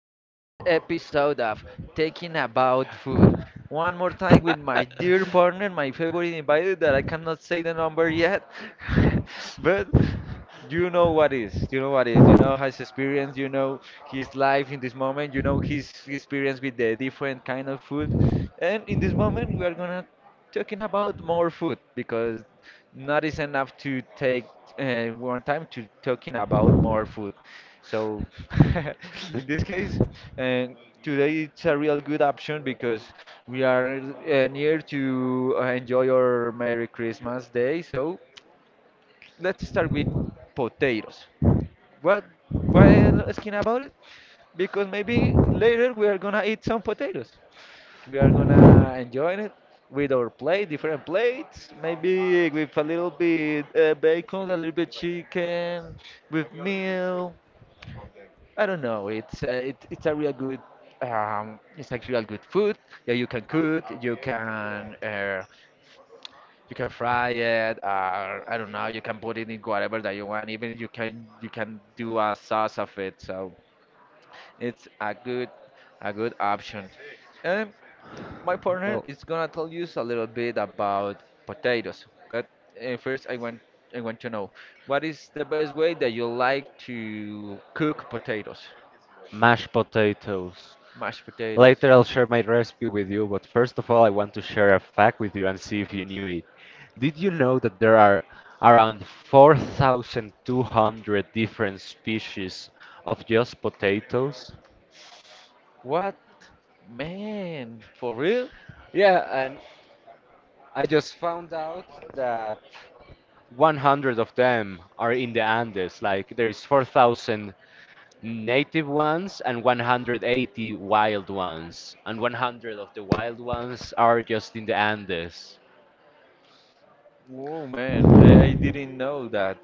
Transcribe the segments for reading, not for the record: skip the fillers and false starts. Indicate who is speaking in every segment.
Speaker 1: next episode of Taking About Food. One more time with my dear partner, my favorite invited that I cannot say the number yet, but you know what is, you know what is, you know his experience, you know his life in this moment, you know his experience with the different kind of food, and in this moment we are gonna talking about more food because not is enough to take one time to talking about more food. So in this case, and today it's a real good option because we are near to enjoy our Merry Christmas Day. So let's start with potatoes. What? Why I'm asking about it? Because maybe later we are gonna eat some potatoes. We are gonna enjoy it with our plate, different plates, maybe with a little bit bacon, a little bit chicken, with meal. I don't know. It's a real good it's actually real good food that you can cook. You can fry it. Or, I don't know. You can put it in whatever that you want. Even you can do a sauce of it. So it's a good option. Um, My partner
Speaker 2: Well,
Speaker 1: is gonna tell you a little bit about potatoes, but first I want to know what is the best way that you like to cook potatoes,
Speaker 2: mashed potatoes.
Speaker 1: mashed potatoes.
Speaker 2: Later I'll share my recipe with you, but first of all I want to share a fact with you and see if you knew it. Did you know that there are around 4,200 different species of just potatoes?
Speaker 1: What? Man, for real?
Speaker 2: Yeah, and I just found out that 100 of them are in the Andes. Like there is 4,000 native ones and 180 wild ones, and 100 of the wild ones are just in the Andes.
Speaker 1: Whoa, man, I didn't know that.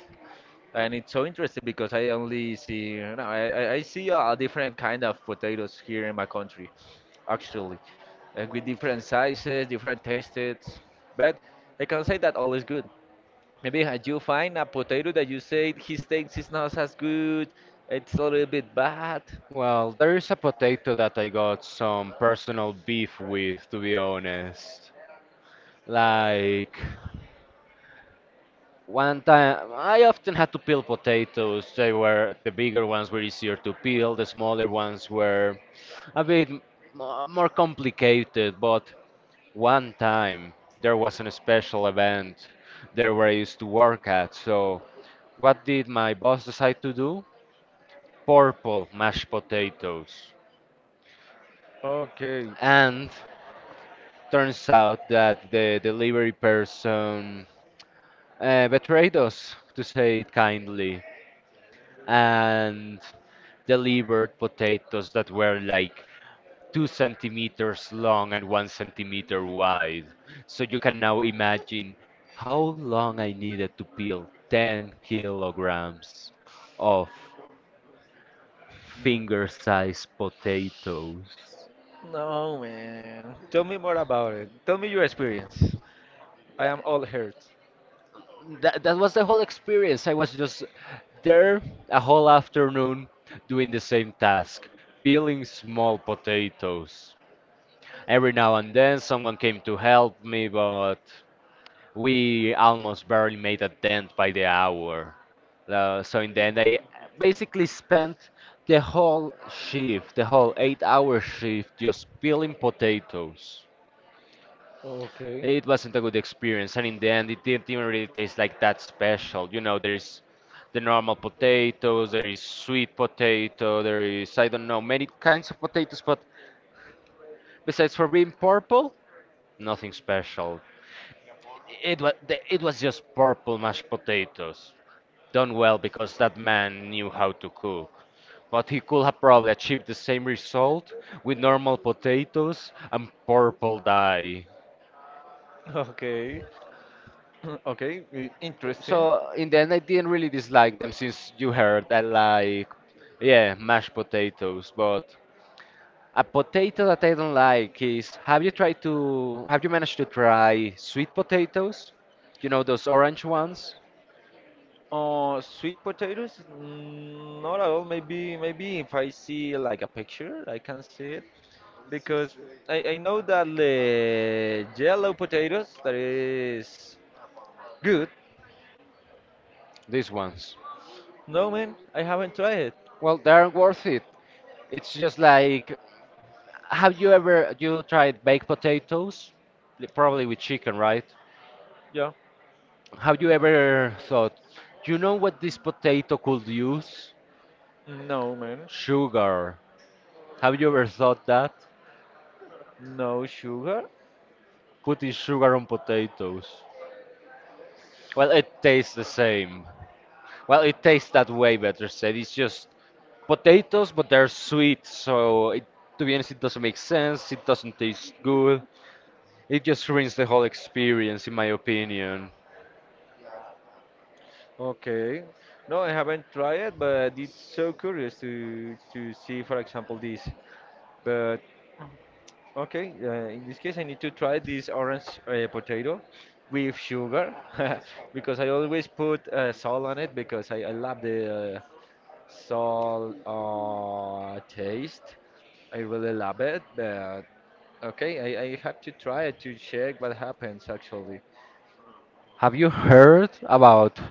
Speaker 1: And it's so interesting because I only see, no, I see a different kind of potatoes here in my country, actually, and with different sizes, different tastes. But I can say that all is good. Maybe had you find a potato that you say his taste is not as good, it's a little bit bad.
Speaker 2: Well, there is a potato that I got some personal beef with, to be honest. Like, one time, I often had to peel potatoes. They were, the bigger ones were easier to peel, the smaller ones were a bit more complicated, but one time there was an special event there where I used to work at, so what did my boss decide to do? Purple mashed potatoes.
Speaker 1: Okay.
Speaker 2: And turns out that the delivery person betrayed us, to say it kindly, and delivered potatoes that were like 2 centimeters long and 1 centimeter wide. So you can now imagine how long I needed to peel 10 kilograms of
Speaker 1: Mhm.
Speaker 2: finger sized potatoes.
Speaker 1: No, man. Tell me more about it. Tell me your experience. I am all hurt.
Speaker 2: That was the whole experience. I was just there a whole afternoon doing the same task, peeling small potatoes. Every now and then someone came to help me, but we almost barely made a dent by the hour. So in the end, I basically spent the whole shift, the whole 8-hour shift, just peeling potatoes.
Speaker 1: Okay.
Speaker 2: It wasn't a good experience, and in the end, it didn't even really
Speaker 1: did-
Speaker 2: taste like that special. You know, there is the normal potatoes, there is sweet potato, there is, I don't know, many kinds of potatoes, but besides for being purple, nothing special. It was just purple mashed potatoes, done well because that man knew how to cook. But he could have probably achieved the same result with normal potatoes and purple dye.
Speaker 1: Okay. Okay. Interesting.
Speaker 2: So in the end, I didn't really dislike them since you heard I like, yeah, mashed potatoes. But a potato that I don't like is, have you managed to try sweet potatoes? You know, those orange ones?
Speaker 1: Sweet potatoes? Mm, not at all. Maybe if I see like a picture, I can see it because I know that the yellow potatoes that is good.
Speaker 2: These ones.
Speaker 1: No, man. I haven't tried it.
Speaker 2: Well, they aren't worth it. It's just like, have you ever you tried baked potatoes? Probably with chicken, right?
Speaker 1: Yeah.
Speaker 2: Have you ever thought, you know what this potato could use?
Speaker 1: No, man.
Speaker 2: Sugar. Have you ever thought that?
Speaker 1: No sugar?
Speaker 2: Putting sugar on potatoes. Well, it tastes the same. Well, it tastes that way, better said. It's just potatoes, but they're sweet, so it, to be honest, it doesn't make sense. It doesn't taste good. It just ruins the whole experience, in my opinion.
Speaker 1: Okay. No, I haven't tried it, but it's so curious to see, for example, this. But okay, in this case, I need to try this orange potato with sugar because I always put salt on it because I love the salt taste. I really love it, but okay, I have to try it to check what happens actually.
Speaker 2: Have you heard about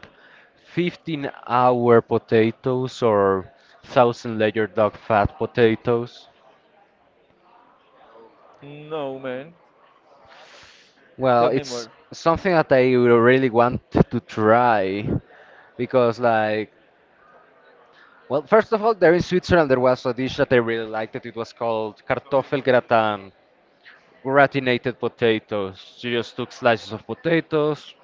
Speaker 2: 15-hour hour potatoes or 1,000 layer dark fat potatoes?
Speaker 1: No, man.
Speaker 2: Well,
Speaker 1: Tell me
Speaker 2: it's
Speaker 1: more.
Speaker 2: something that I really want to try because, like, well, first of all, there in Switzerland there was a dish that I really liked it. It was called Kartoffel gratin, gratinated potatoes. You just took slices of potatoes,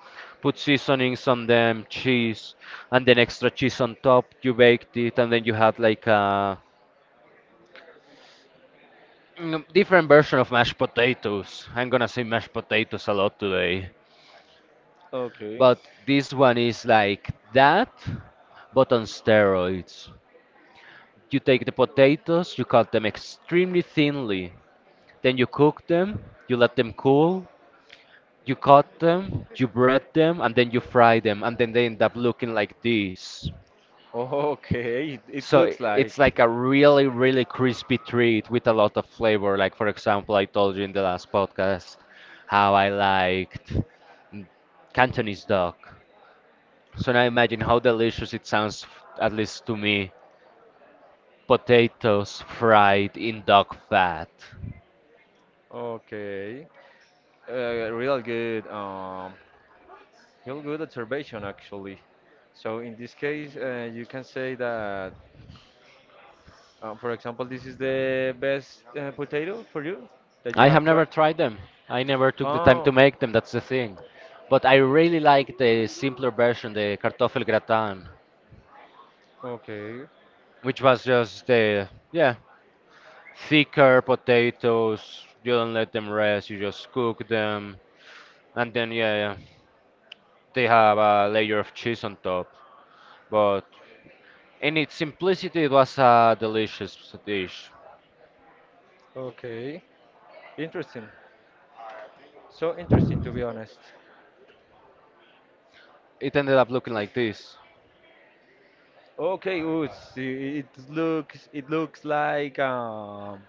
Speaker 2: put seasonings on them, cheese, and then extra cheese on top. You baked it, and then you had like a different version of mashed potatoes. I'm gonna say mashed potatoes a lot today,
Speaker 1: Okay.
Speaker 2: but this one is like that, but on steroids. You take the potatoes, you cut them extremely thinly, then you cook them, you let them cool, you cut them, you bread them, and then you fry them, and then they end up looking like this.
Speaker 1: Okay, it
Speaker 2: So i-
Speaker 1: looks
Speaker 2: it's
Speaker 1: like.
Speaker 2: like a really, really crispy treat with a lot of flavor. Like, for example, I told you in the last podcast how I liked mm, Cantonese duck. So now imagine how delicious it sounds, at least to me, potatoes fried in duck fat.
Speaker 1: Okay, real good, real good observation actually. So in this case, you can say that, for example, this is the best potato for you that you
Speaker 2: I have
Speaker 1: have
Speaker 2: never
Speaker 1: tried.
Speaker 2: tried them. I never took the time to
Speaker 1: Oh,
Speaker 2: make them, that's the thing. But I really like the simpler version, the cartoffel gratin,
Speaker 1: okay,
Speaker 2: which was just the, yeah, thicker potatoes. You don't let them rest. You just cook them, and then yeah, yeah, they have a layer of cheese on top. But in its simplicity, it was a delicious dish.
Speaker 1: okay, interesting. So interesting to be honest.
Speaker 2: It ended up looking like this.
Speaker 1: Okay, ooh, it looks like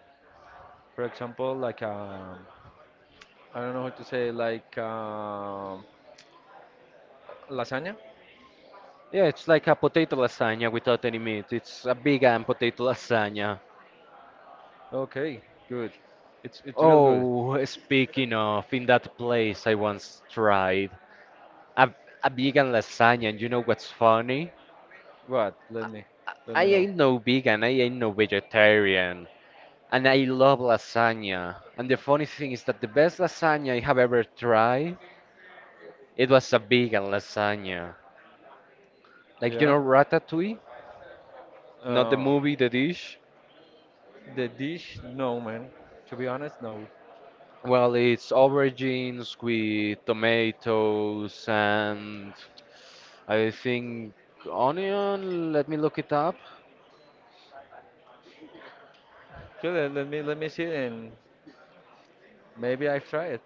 Speaker 1: for example, like I don't know how to say like lasagna.
Speaker 2: Yeah, it's like a potato lasagna without any meat. It's a vegan potato lasagna.
Speaker 1: Okay, good. It's real good.
Speaker 2: Oh, speaking of, in that place I once tried a, a vegan lasagna, and you know what's funny?
Speaker 1: What? Let
Speaker 2: I
Speaker 1: me know.
Speaker 2: ain't no vegan, I ain't no vegetarian, and I love lasagna. And the funny thing is that the best lasagna I have ever tried, it was a vegan lasagna. Like, you
Speaker 1: Yeah.
Speaker 2: know ratatouille, not the
Speaker 1: Uh,
Speaker 2: movie, the dish.
Speaker 1: the dish? No, man. To be honest, no.
Speaker 2: Well, it's aubergines with tomatoes and, I think, onion. Let me look it up.
Speaker 1: Okay, let me see it and maybe I've tried it.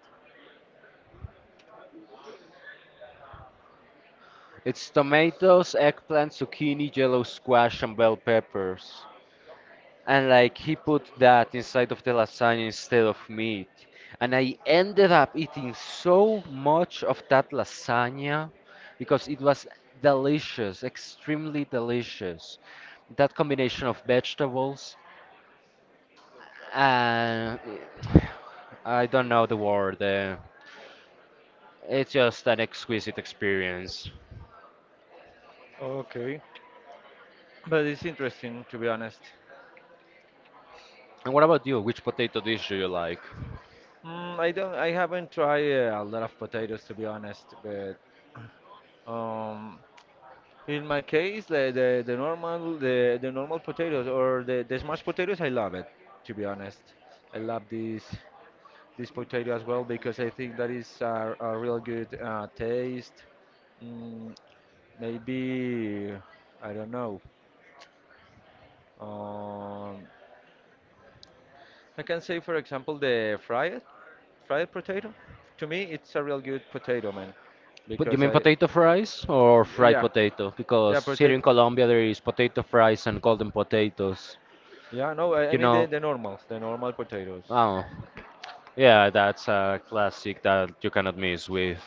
Speaker 2: It's tomatoes, eggplant, zucchini, yellow squash, and bell peppers, and like he put that inside of the lasagna instead of meat, and I ended up eating so much of that lasagna because it was delicious, extremely delicious, that combination of vegetables, and I don't know the word. It's just an exquisite experience.
Speaker 1: Okay. But it's interesting to be honest.
Speaker 2: And what about you, which potato dish do you like?
Speaker 1: Mm, I don't. I haven't tried a lot of potatoes to be honest, but um, in my case, the normal potatoes or the smashed potatoes, I love it. To be honest, I love this potato as well because I think that is a real good taste. Mm, maybe I don't know. Um, I can say, for example, the fried. Fried potato. To me, it's a real good potato, man,
Speaker 2: But you
Speaker 1: because
Speaker 2: mean
Speaker 1: I
Speaker 2: potato fries or fried
Speaker 1: yeah
Speaker 2: potato?
Speaker 1: yeah
Speaker 2: Because here
Speaker 1: potato
Speaker 2: in Colombia there is potato fries and golden potatoes.
Speaker 1: yeah no I
Speaker 2: You
Speaker 1: mean
Speaker 2: know,
Speaker 1: the normals the normal potatoes
Speaker 2: oh, yeah, that's a classic that you cannot miss with.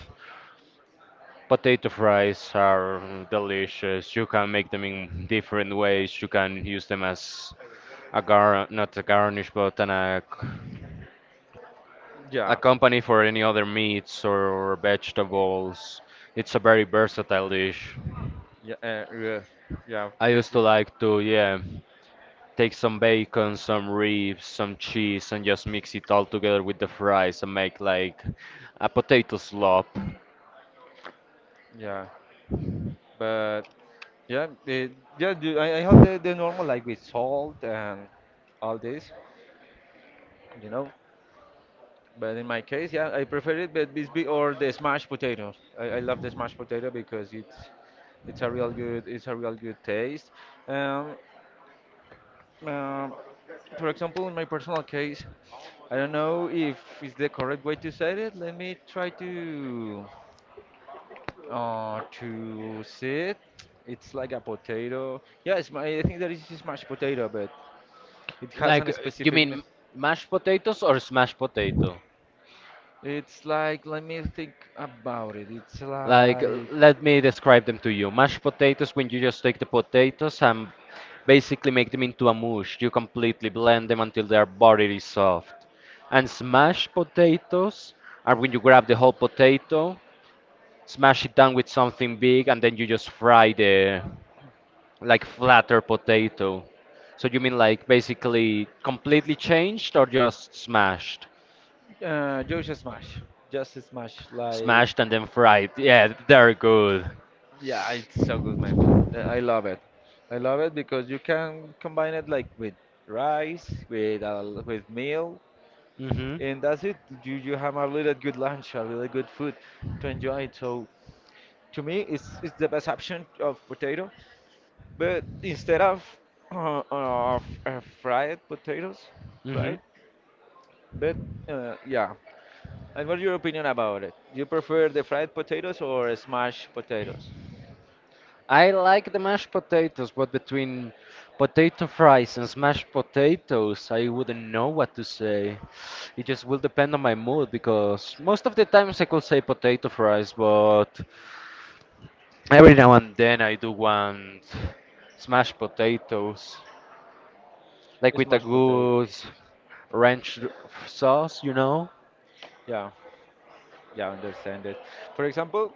Speaker 2: Potato fries are delicious. You can make them in different ways. You can use them as a gar, not a garnish, but an a
Speaker 1: yeah
Speaker 2: company for any other meats or vegetables. It's a very versatile dish.
Speaker 1: yeah yeah yeah
Speaker 2: I used
Speaker 1: this
Speaker 2: to like to, yeah. Take some bacon, some ribs, some cheese, and just mix it all together with the fries and make like a potato slop.
Speaker 1: yeah but yeah the yeah do I have the normal like with salt and all this, you know. But in my case, yeah, I prefer it, but Bisbee or the smashed potato. I love the smashed potato because it's a real good it's a real good taste. Um, uh, for example, in my personal case, I don't know if it's the correct way to say it. Let me try to see it. It's like a potato. Yeah, it's my, I think that is smashed potato, but it has
Speaker 2: Like,
Speaker 1: an
Speaker 2: you
Speaker 1: specific.
Speaker 2: mean mashed potatoes or smashed potato?
Speaker 1: It's like let me think about it. It's
Speaker 2: Like,
Speaker 1: like
Speaker 2: let me describe them to you. Mashed potatoes, when you
Speaker 1: like.
Speaker 2: just take the potatoes and basically make them into a mush, you completely blend them until their body is soft. And smashed potatoes are when you grab the whole potato, smash it down with something big, and then you just fry the like flatter potato. So you mean like basically completely changed or just smashed?
Speaker 1: Just smash, just smash. Like,
Speaker 2: Smashed and then fried. Yeah, they're good.
Speaker 1: yeah, it's so good, man. I love it. I love it because you can combine it like with rice, with meal,
Speaker 2: Mhm.
Speaker 1: and that's it. You have a really good lunch, a really good food to enjoy. So, to me, it's the best option of potato. But instead of of fried potatoes,
Speaker 2: Mhm.
Speaker 1: right? But yeah, and what's your opinion about it? Do you prefer the fried potatoes or smashed potatoes?
Speaker 2: I like the mashed potatoes, but between potato fries and smashed potatoes, I wouldn't know what to say. It just will depend on my mood because most of the times I could say potato fries, but every now and then I do want smashed potatoes, like with a
Speaker 1: Smashed potatoes.
Speaker 2: good ranch sauce, you know?
Speaker 1: Yeah, yeah, I understand it. For example,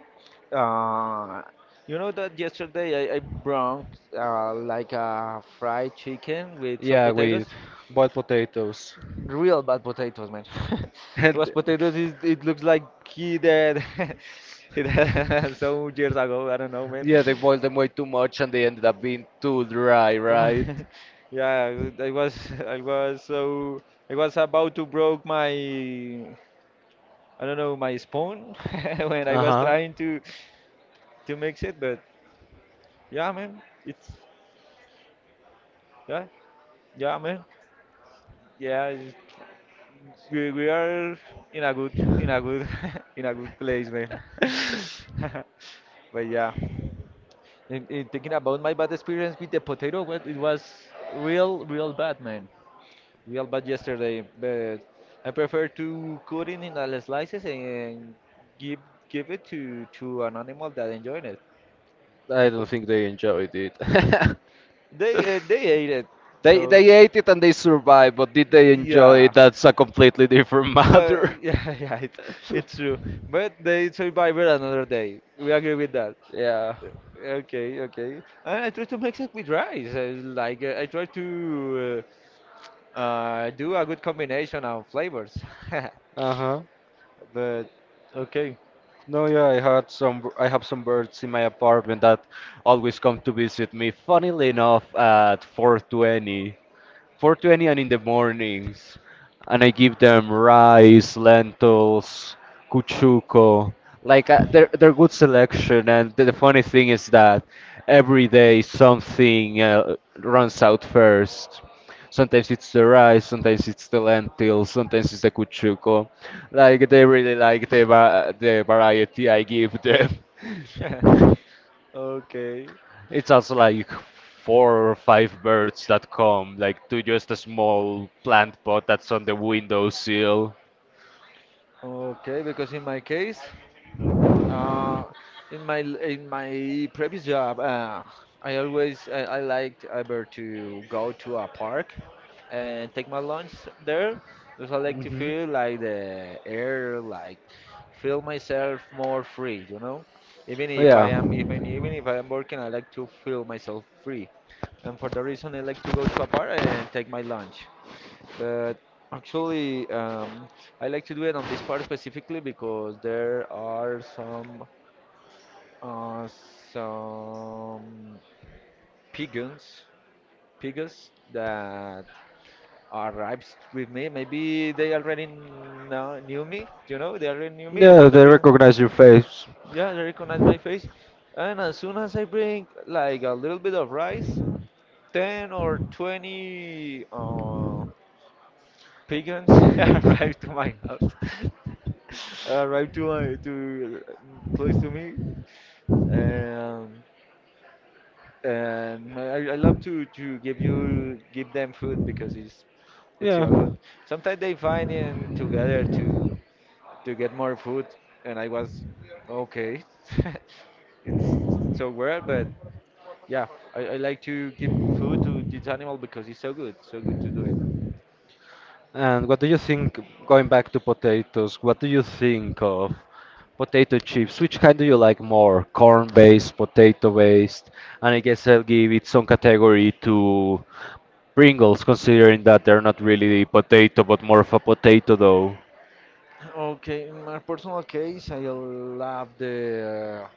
Speaker 1: uh, you know that yesterday I brought like a fried chicken with some
Speaker 2: Yeah, with
Speaker 1: potatoes,
Speaker 2: boiled potatoes.
Speaker 1: real bad potatoes, man. It
Speaker 2: And
Speaker 1: was potatoes. Is it looks like he did he did some years ago. I don't know, man.
Speaker 2: yeah, they boiled them way too much and they ended up being too dry,
Speaker 1: Oh
Speaker 2: right?
Speaker 1: my- yeah, I was I was so I was about to broke my I don't know my spoon when I was
Speaker 2: Uh-huh.
Speaker 1: trying to mix it, but yeah, man, it's yeah, yeah, man, yeah. We are in a good in a good place, man. But yeah, in thinking about my bad experience with the potato, well, it was real, real bad, man. Real bad yesterday. But I prefer to cut it in little slices and give give it to an animal that enjoyed it
Speaker 2: I don't
Speaker 1: because
Speaker 2: think they enjoyed it.
Speaker 1: they ate it. So
Speaker 2: They ate it and they survived, but did they enjoy
Speaker 1: yeah,
Speaker 2: it? That's a completely different
Speaker 1: but
Speaker 2: matter.
Speaker 1: yeah, yeah, it, it's true. But they survived another day. We agree with that.
Speaker 2: Yeah.
Speaker 1: Okay, okay. And I try to mix it with rice. Like I try to do a good combination of flavors.
Speaker 2: Uh-huh.
Speaker 1: But okay,
Speaker 2: No, yeah, I had I have some birds in my apartment that always come to visit me. Funnily enough, at 4:20. 420 and in the mornings. And I give them rice, lentils, cuchuco. Like they're good selection. And the funny thing is that every day something runs out first. Sometimes it's the rice, sometimes it's the lentils, sometimes it's the cuchuco. Like they really like the the variety I give them.
Speaker 1: okay,
Speaker 2: It's also like four or five birds that come, like to just a small plant pot that's on the windowsill.
Speaker 1: okay. Because in my case. Uh, in my previous job, I liked either to go to a park and take my lunch there because I like to
Speaker 2: Hmm.
Speaker 1: feel like the air, like feel myself more free, you know. Even if I
Speaker 2: Yeah.
Speaker 1: am even if I am working, I like to feel myself free, and for the reason I like to go to a bar and take my lunch. But actually, I like to do it on this part specifically because there are some uh, some pigeons, pigeons that arrived with me. Maybe they knew me. You know, they already knew me, and
Speaker 2: Yeah,
Speaker 1: for that
Speaker 2: they
Speaker 1: reason,
Speaker 2: recognize your face.
Speaker 1: yeah, they recognize my face. And as soon as I bring like a little bit of rice, 10 or 20. Pagans arrived to my house, arrived to my to close to me, and I love to give you give them food because it's real good.
Speaker 2: Yeah.
Speaker 1: Sometimes they find in together to get more food, and I was okay. It's so weird, but yeah, I like to give food to this animal because it's so good, so good to do.
Speaker 2: And what do you think, going back to potatoes, what do you think of potato chips? Which kind do you like more? Corn-based, potato-based? And I guess I'll give it some category to Pringles, considering that they're not really potato, but more of a potato dough.
Speaker 1: Okay, in my personal case, I love the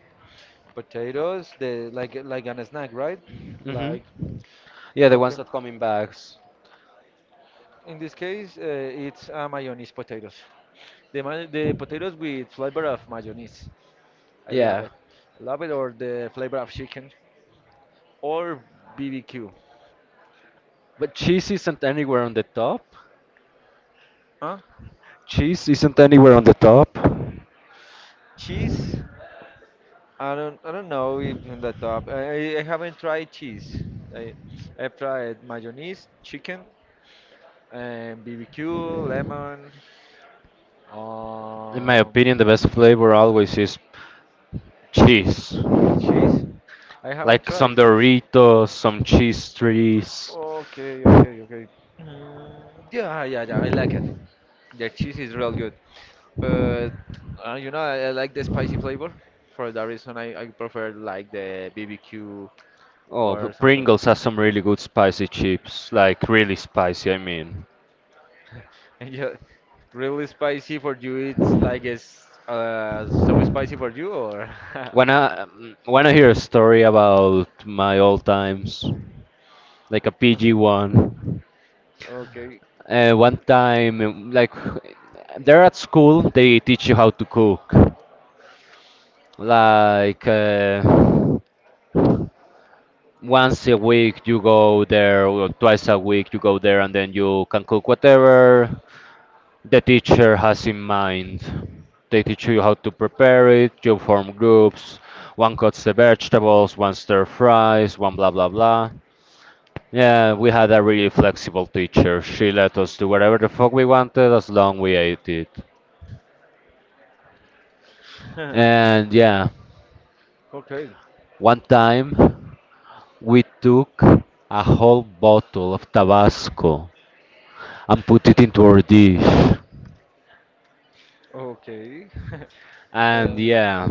Speaker 1: potatoes, the like an snack, right? Like,
Speaker 2: Mm-hmm. Yeah, the
Speaker 1: okay.
Speaker 2: ones that come in bags.
Speaker 1: In this case, it's mayonnaise potatoes. The potatoes with flavor of mayonnaise. I love
Speaker 2: Yeah.
Speaker 1: it. I love it, or the flavor of chicken, or BBQ.
Speaker 2: But cheese isn't anywhere on the top.
Speaker 1: Huh?
Speaker 2: Cheese isn't anywhere on the top.
Speaker 1: Cheese? I don't know if in the top. I haven't tried cheese. I I've tried mayonnaise, chicken, and BBQ, lemon,
Speaker 2: In my
Speaker 1: um,
Speaker 2: opinion, the best flavor always is cheese.
Speaker 1: cheese. I haven't
Speaker 2: Like some
Speaker 1: tried cheese.
Speaker 2: Doritos, some cheese trees.
Speaker 1: Okay, okay, okay. Mm, yeah, yeah, yeah. I like it. The cheese is real good, but you know, I like the spicy flavor. For that reason, I prefer like the BBQ
Speaker 2: Oh,
Speaker 1: or
Speaker 2: but
Speaker 1: something.
Speaker 2: Pringles has some really good spicy chips. Like really spicy, I mean.
Speaker 1: Yeah, really spicy for you. It's like it's so spicy for you, or
Speaker 2: When I hear a story about my old times, like a PG one.
Speaker 1: okay,
Speaker 2: One time, like, they're at school, they teach you how to cook. Like once a week you go there, or twice a week you go there, and then you can cook whatever the teacher has in mind. They teach you how to prepare it. You form groups. One cuts the vegetables, one stir fries, one blah blah blah. Yeah, we had a really flexible teacher. She let us do whatever the fuck we wanted as long we ate it. And yeah,
Speaker 1: okay.
Speaker 2: one time we took a whole bottle of Tabasco and put it into our dish.
Speaker 1: Okay.
Speaker 2: And
Speaker 1: Um,
Speaker 2: yeah,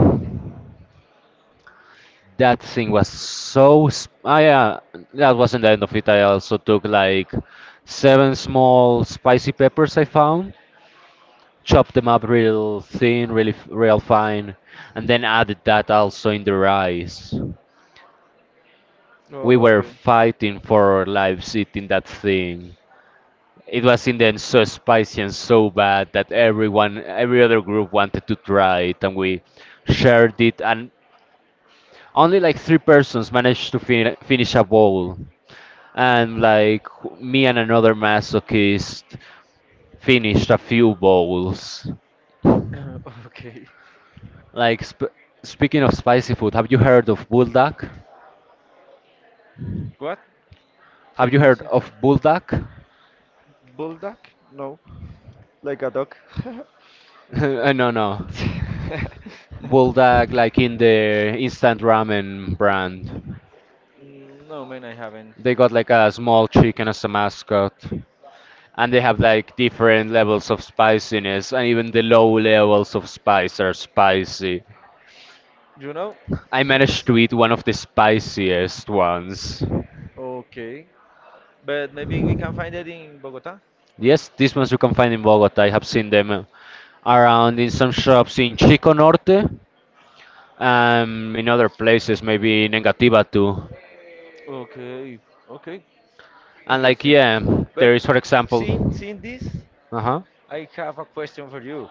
Speaker 2: that thing was so. Yeah, that wasn't the end of it. I also took like seven small spicy peppers I found, chopped them up real thin, really, real fine, and then added that also in the rice. We were
Speaker 1: okay.
Speaker 2: fighting for our lives eating that thing. It was in the end so spicy and so bad that everyone, every other group wanted to try it, and we shared it. And only like three persons managed to finish a bowl, and like me and another masochist finished a few bowls.
Speaker 1: Okay.
Speaker 2: Like speaking of spicy food, have you heard of buldak?
Speaker 1: What? Can
Speaker 2: Have you
Speaker 1: you
Speaker 2: heard
Speaker 1: see
Speaker 2: of buldak?
Speaker 1: bulldog? No. Like a dog.
Speaker 2: No, no, buldak like in the instant ramen brand.
Speaker 1: No, man, I haven't.
Speaker 2: They got like a small chicken as a mascot. And they have like different levels of spiciness, and even the low levels of spice are spicy.
Speaker 1: You know?
Speaker 2: I managed
Speaker 1: S-
Speaker 2: to eat one of the spiciest ones.
Speaker 1: Okay. But maybe we can find it in Bogota?
Speaker 2: Yes, these ones you can find in Bogota. I have seen them around in some shops in Chico Norte, in other places, maybe in Engativa too.
Speaker 1: Okay. Okay.
Speaker 2: And like,
Speaker 1: Interesting.
Speaker 2: yeah,
Speaker 1: But
Speaker 2: there is, for example,
Speaker 1: seeing this,
Speaker 2: uh huh,
Speaker 1: I have a question for you.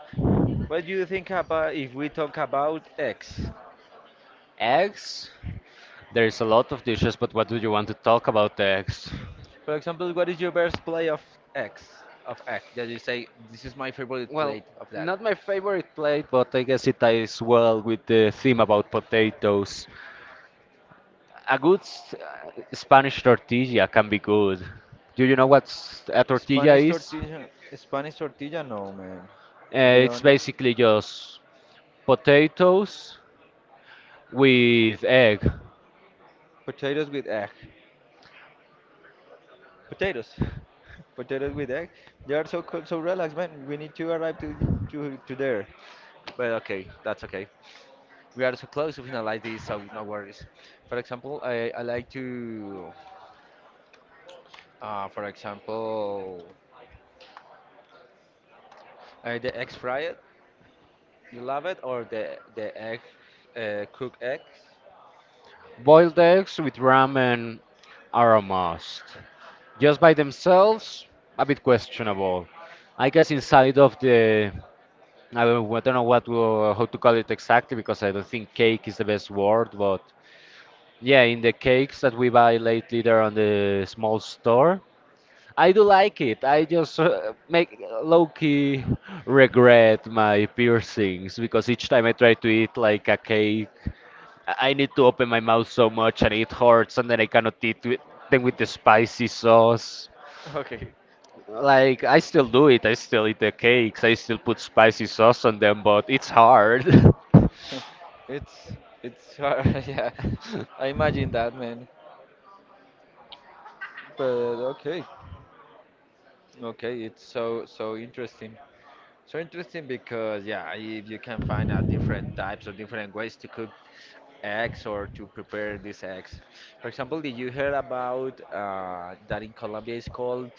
Speaker 1: What do you think about if we talk about X?
Speaker 2: eggs. There is a lot of dishes, but what do you want to talk about eggs?
Speaker 1: For example, what is your best play of X? Of X that you say this is my favorite
Speaker 2: Well,
Speaker 1: play of that.
Speaker 2: not my favorite plate, but I guess it ties well with the theme about potatoes. A good Spanish tortilla can be good. Do you know what a tortilla
Speaker 1: Spanish
Speaker 2: is?
Speaker 1: tortilla, Spanish tortilla, no man. To be
Speaker 2: It's
Speaker 1: honest,
Speaker 2: basically just potatoes with egg.
Speaker 1: potatoes with egg. Potatoes, potatoes with egg. They are so cool, so relaxed, man. We need to arrive to there. But okay, that's okay. We are so close to finalize this, so no worries. For example, I like to, for example, the egg fried. You love it or the egg cook eggs?
Speaker 2: Boiled eggs with ramen are a must. Just by themselves, a bit questionable. I guess inside of the I don't know what how to call it exactly because I don't think cake is the best word, but yeah, in the cakes that we buy lately there on the small store, I do like it. I just make low-key regret my piercings because each time I try to eat like a cake, I need to open my mouth so much and it hurts, and then I cannot eat with, them with the spicy sauce.
Speaker 1: Okay.
Speaker 2: Like I still do it. I still eat the cakes. I still put spicy sauce on them, but it's hard.
Speaker 1: it's it's hard. Yeah, I imagine that, man. But okay, okay, it's so interesting. So interesting because yeah, if you can find out different types or different ways to cook eggs or to prepare these eggs. For example, did you hear about that in Colombia is called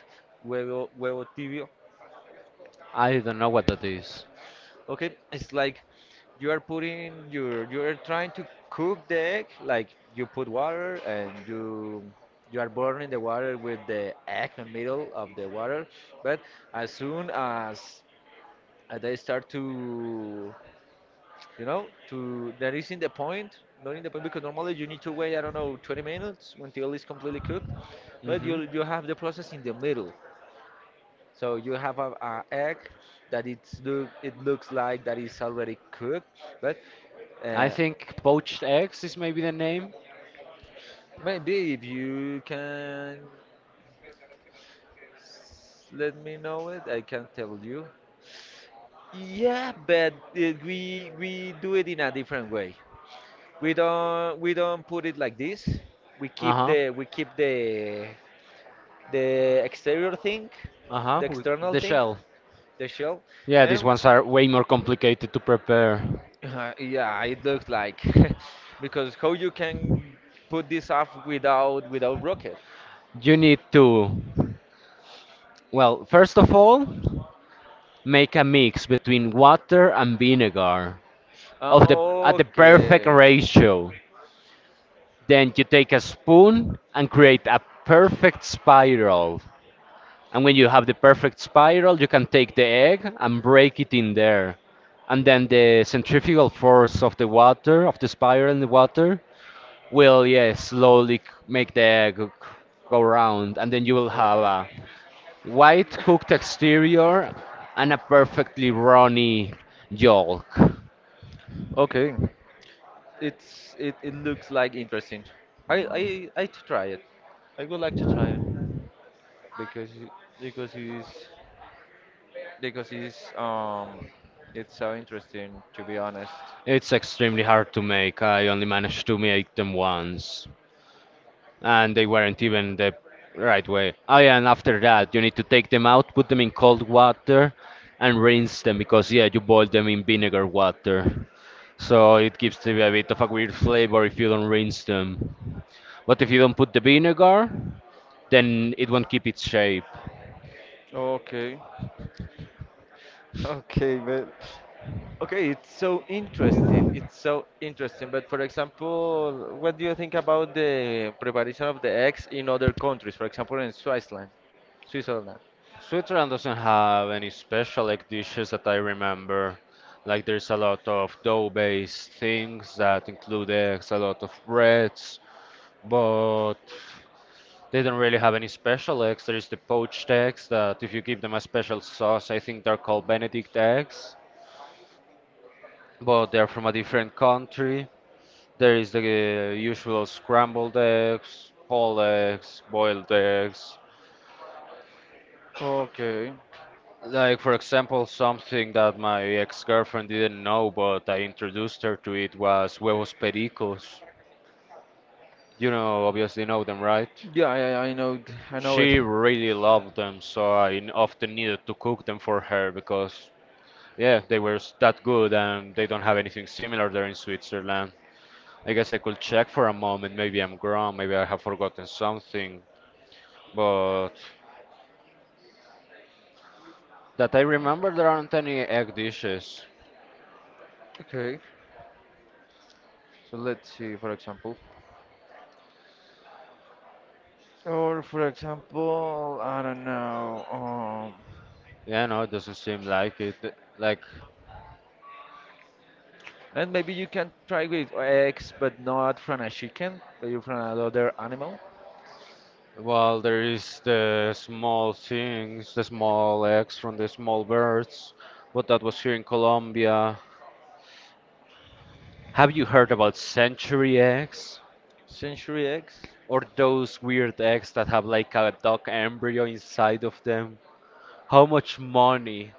Speaker 1: huevo tibio?
Speaker 2: I don't know what that.
Speaker 1: Okay, it's like you are trying to cook the egg, like you put water and you are burning the water with the egg in the middle of the water, but as soon as they start to, you know, to that is in the point, not in the point, because normally you need to wait, I don't know, 20 minutes until it's completely cooked, but
Speaker 2: Mm-hmm.
Speaker 1: you have the process in the middle. So you have a egg that it looks like that is already cooked, but
Speaker 2: I
Speaker 1: uh,
Speaker 2: think poached eggs is maybe the name.
Speaker 1: maybe if you can let me know it, I can tell you. Yeah, but it, we do it in a different way. We don't put it like this.
Speaker 2: Uh-huh.
Speaker 1: We keep the exterior thing,
Speaker 2: Uh-huh.
Speaker 1: the
Speaker 2: With
Speaker 1: external
Speaker 2: the
Speaker 1: thing,
Speaker 2: shell.
Speaker 1: the shell,
Speaker 2: Yeah, these
Speaker 1: and
Speaker 2: ones are way more complicated to prepare.
Speaker 1: yeah, it looked like because how you can put this up without rocket?
Speaker 2: You need to, well, first of all, make a mix between water and vinegar of the at the perfect
Speaker 1: Okay.
Speaker 2: ratio. Then you take a spoon and create a perfect spiral. And when you have the perfect spiral, you can take the egg and break it in there. And then the centrifugal force of the water, of the spiral in the water, will, yeah, slowly make the go round. And then you will have
Speaker 1: Okay.
Speaker 2: a white cooked exterior and a perfectly runny yolk.
Speaker 1: Okay. It's it, it looks like interesting. I to try it. I would like to try it because it- because it's because it's so interesting, to be honest.
Speaker 2: It's extremely hard to make. I only managed to make them once, and they weren't even the right way. Oh yeah, and after that, you need to take them out, put them in cold water, and rinse them because yeah, you boil them in vinegar water. So it gives them a bit of a weird flavor if you don't rinse them. But if you don't put the vinegar, then it won't keep its shape.
Speaker 1: Okay. Okay, but okay, it's so interesting. It's so interesting. But for example, what do you think about the preparation of the eggs in other countries? For example, in Switzerland, Switzerland.
Speaker 2: Switzerland doesn't have any special like dishes that I remember. Like there's a lot of dough-based things that include eggs, a lot of breads, but they don't really have any special eggs. There is the poached eggs that if you give them a special sauce, I think they're called Benedict eggs, but they're from a different country. There is the usual scrambled eggs, whole eggs, boiled eggs.
Speaker 1: Okay.
Speaker 2: Like for example, something that my ex-girlfriend didn't know, but I introduced her to it was huevos pericos. You know, obviously know them, right?
Speaker 1: Yeah, I know, I know it.
Speaker 2: She really loved them, so I often needed to cook them for her because yeah, they were that good, and they don't have anything similar there in Switzerland. I guess I could check for a moment. Maybe I'm wrong. Maybe I have forgotten something. But that I remember, there aren't any egg dishes.
Speaker 1: Okay. So let's see, for example. Or for example, I don't know.
Speaker 2: Yeah, no, it doesn't seem like it. Like,
Speaker 1: And maybe you can try with eggs, but not from a chicken, but you from another animal.
Speaker 2: well, there is the small things, the small eggs from the small birds. But that was here in Colombia. Have you heard about century eggs?
Speaker 1: Century eggs.
Speaker 2: Or those weird eggs that have like a duck embryo inside of them? How much money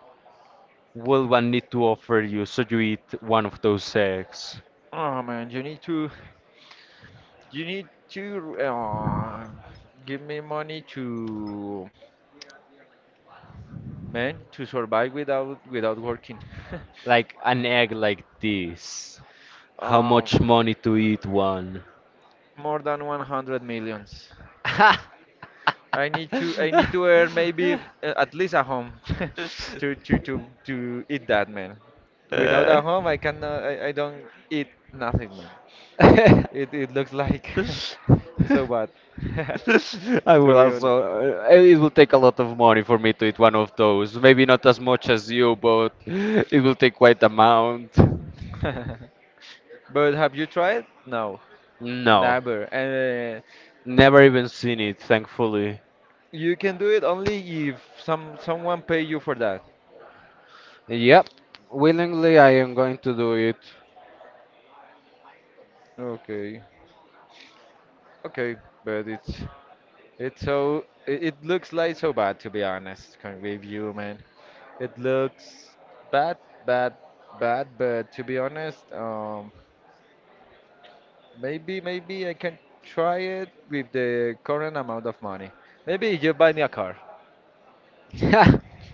Speaker 2: will one need to offer you so you eat one of those eggs?
Speaker 1: Oh man, you need to, give me money to. Man, to survive without working.
Speaker 2: Like an egg like this. How
Speaker 1: um.
Speaker 2: much money to eat one?
Speaker 1: More than 100 millions. I need to earn maybe at least a home to to eat that, man. Without a home, I cannot I, I don't eat nothing, man.
Speaker 2: Uh.
Speaker 1: It looks like so bad
Speaker 2: I
Speaker 1: to
Speaker 2: will
Speaker 1: be honest.
Speaker 2: also. It will take a lot of money for me to eat one of those. Maybe not as much as you, but it will take quite amount.
Speaker 1: But have you tried? No,
Speaker 2: No,
Speaker 1: never. And
Speaker 2: never even seen it, thankfully.
Speaker 1: you can do it only if someone pay you for that.
Speaker 2: Yep, willingly I am going to do it.
Speaker 1: Okay. Okay, but it's so it looks like so bad, to be honest, with you, man. It looks bad, bad, bad. But to be honest, maybe I can try it with the current amount of money. Maybe if you buy me a car.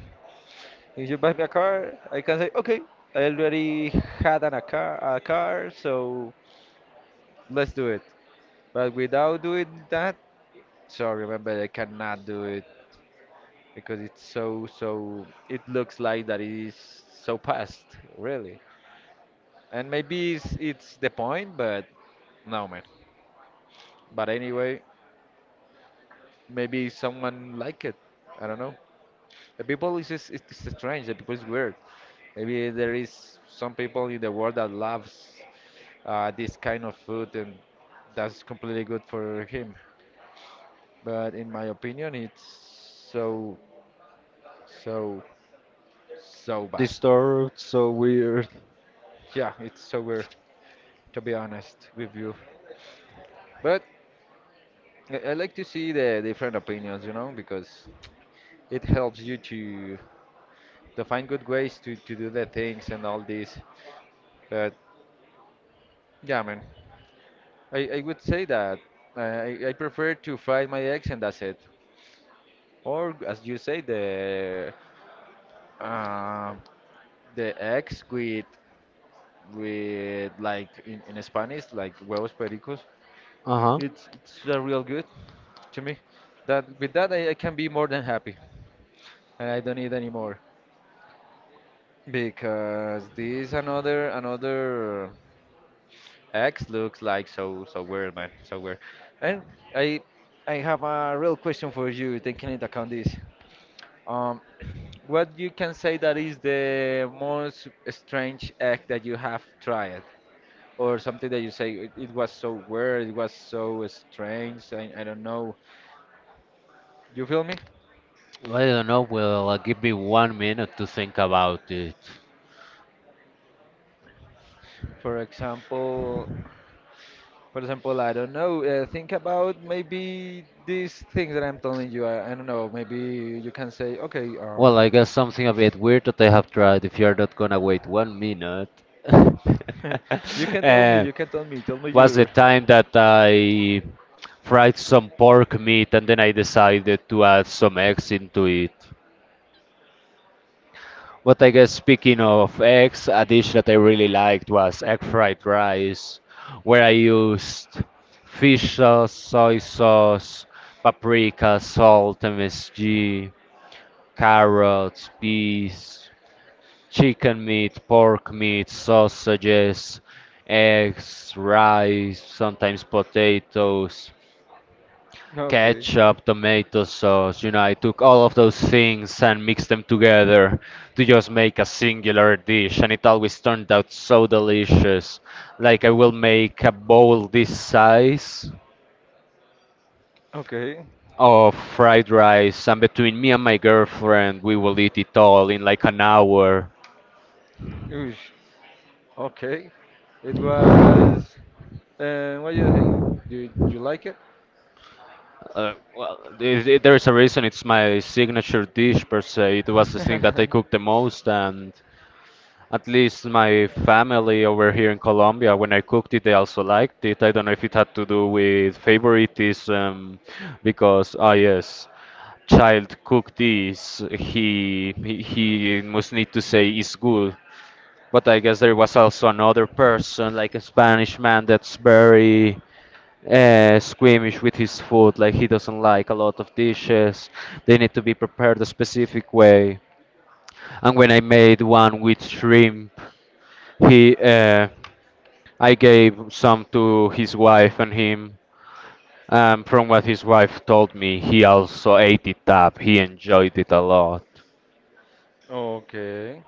Speaker 1: If you buy me a car, I can say okay. I already a car, so let's do it. But without doing that, sorry, man, but I cannot do it, because it's so it looks like that it is so past, really, and maybe it's the point. But no, man. But anyway, maybe someone like it. I don't know. The people is just, it's strange. The people is weird. Maybe there is some people in the world that loves this kind of food, and that's completely good for him. But in my opinion, it's so so so bad.
Speaker 2: Disturbed, so weird.
Speaker 1: Yeah, it's so weird, to be honest with you. But I like to see the different opinions, you know, because it helps you to find good ways to do the things and all this. But yeah, man, I would say that I prefer to fry my eggs, and that's it. Or as you say, Um, the eggs with, like in Spanish, like huevos pericos.
Speaker 2: Uh huh.
Speaker 1: It's real good to me. That, with that, I can be more than happy, and I don't need any more, because this another X looks like so so weird, man, so weird. And I I have a real question for you, taking into account this. Um, what you can say that is the most strange act that you have tried, or something that you say it, it was so weird, it was so strange. I don't know. You feel me?
Speaker 2: Well, I don't know. Well, give me 1 minute to think about it.
Speaker 1: For example, for example, I don't know. Think about maybe these things that I'm telling you. I don't know. Maybe you can say, okay,
Speaker 2: Well, I guess something a bit weird that I have tried if you're not gonna wait 1 minute.
Speaker 1: you can tell me.
Speaker 2: uh,
Speaker 1: You can tell me. Tell me
Speaker 2: was
Speaker 1: your.
Speaker 2: the time that I fried some pork meat and then I decided to add some eggs into it. But I guess speaking of eggs, a dish that I really liked was egg fried rice, where I used fish sauce, soy sauce, paprika, salt, MSG, carrots, peas, chicken meat, pork meat, sausages, eggs, rice, sometimes potatoes,
Speaker 1: Okay.
Speaker 2: ketchup, tomato sauce, you know, I took all of those things and mixed them together to just make a singular dish, and it always turned out so delicious. Like, I will make a bowl this size
Speaker 1: Okay.
Speaker 2: of fried rice, and between me and my girlfriend, we will eat it all in like an hour.
Speaker 1: Oosh. Okay. It was. What do you think? Do you like it?
Speaker 2: Well, there is a reason it's my signature dish per se. It was the thing that I cooked the most, and at least my family over here in Colombia, when I cooked it, they also liked it. I don't know if it had to do with favoritism, because, ah, yes, child cooked this, he must need to say is good. But I guess there was also another person, like a Spanish man, that's very squeamish with his food. Like he doesn't like a lot of dishes. They need to be prepared a specific way. And when I made one with shrimp, he, I gave some to his wife and him. From what his wife told me, he also ate it up. He enjoyed it a lot.
Speaker 1: Okay.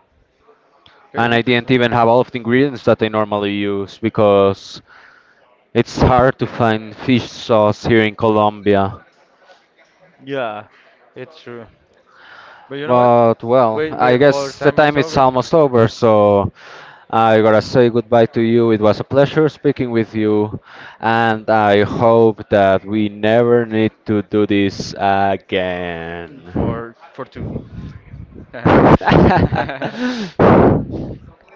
Speaker 2: And
Speaker 1: Okay,
Speaker 2: I didn't
Speaker 1: interesting.
Speaker 2: even have all of the ingredients that I normally use because it's hard to find fish sauce here in Colombia.
Speaker 1: Yeah, it's true. But you know what?
Speaker 2: But well,
Speaker 1: Wait,
Speaker 2: I
Speaker 1: wait, our
Speaker 2: guess the
Speaker 1: time
Speaker 2: time
Speaker 1: is
Speaker 2: is
Speaker 1: over
Speaker 2: almost over, so I gotta say goodbye to you. It was a pleasure speaking with you, and I hope that we never need to do this again.
Speaker 1: for two.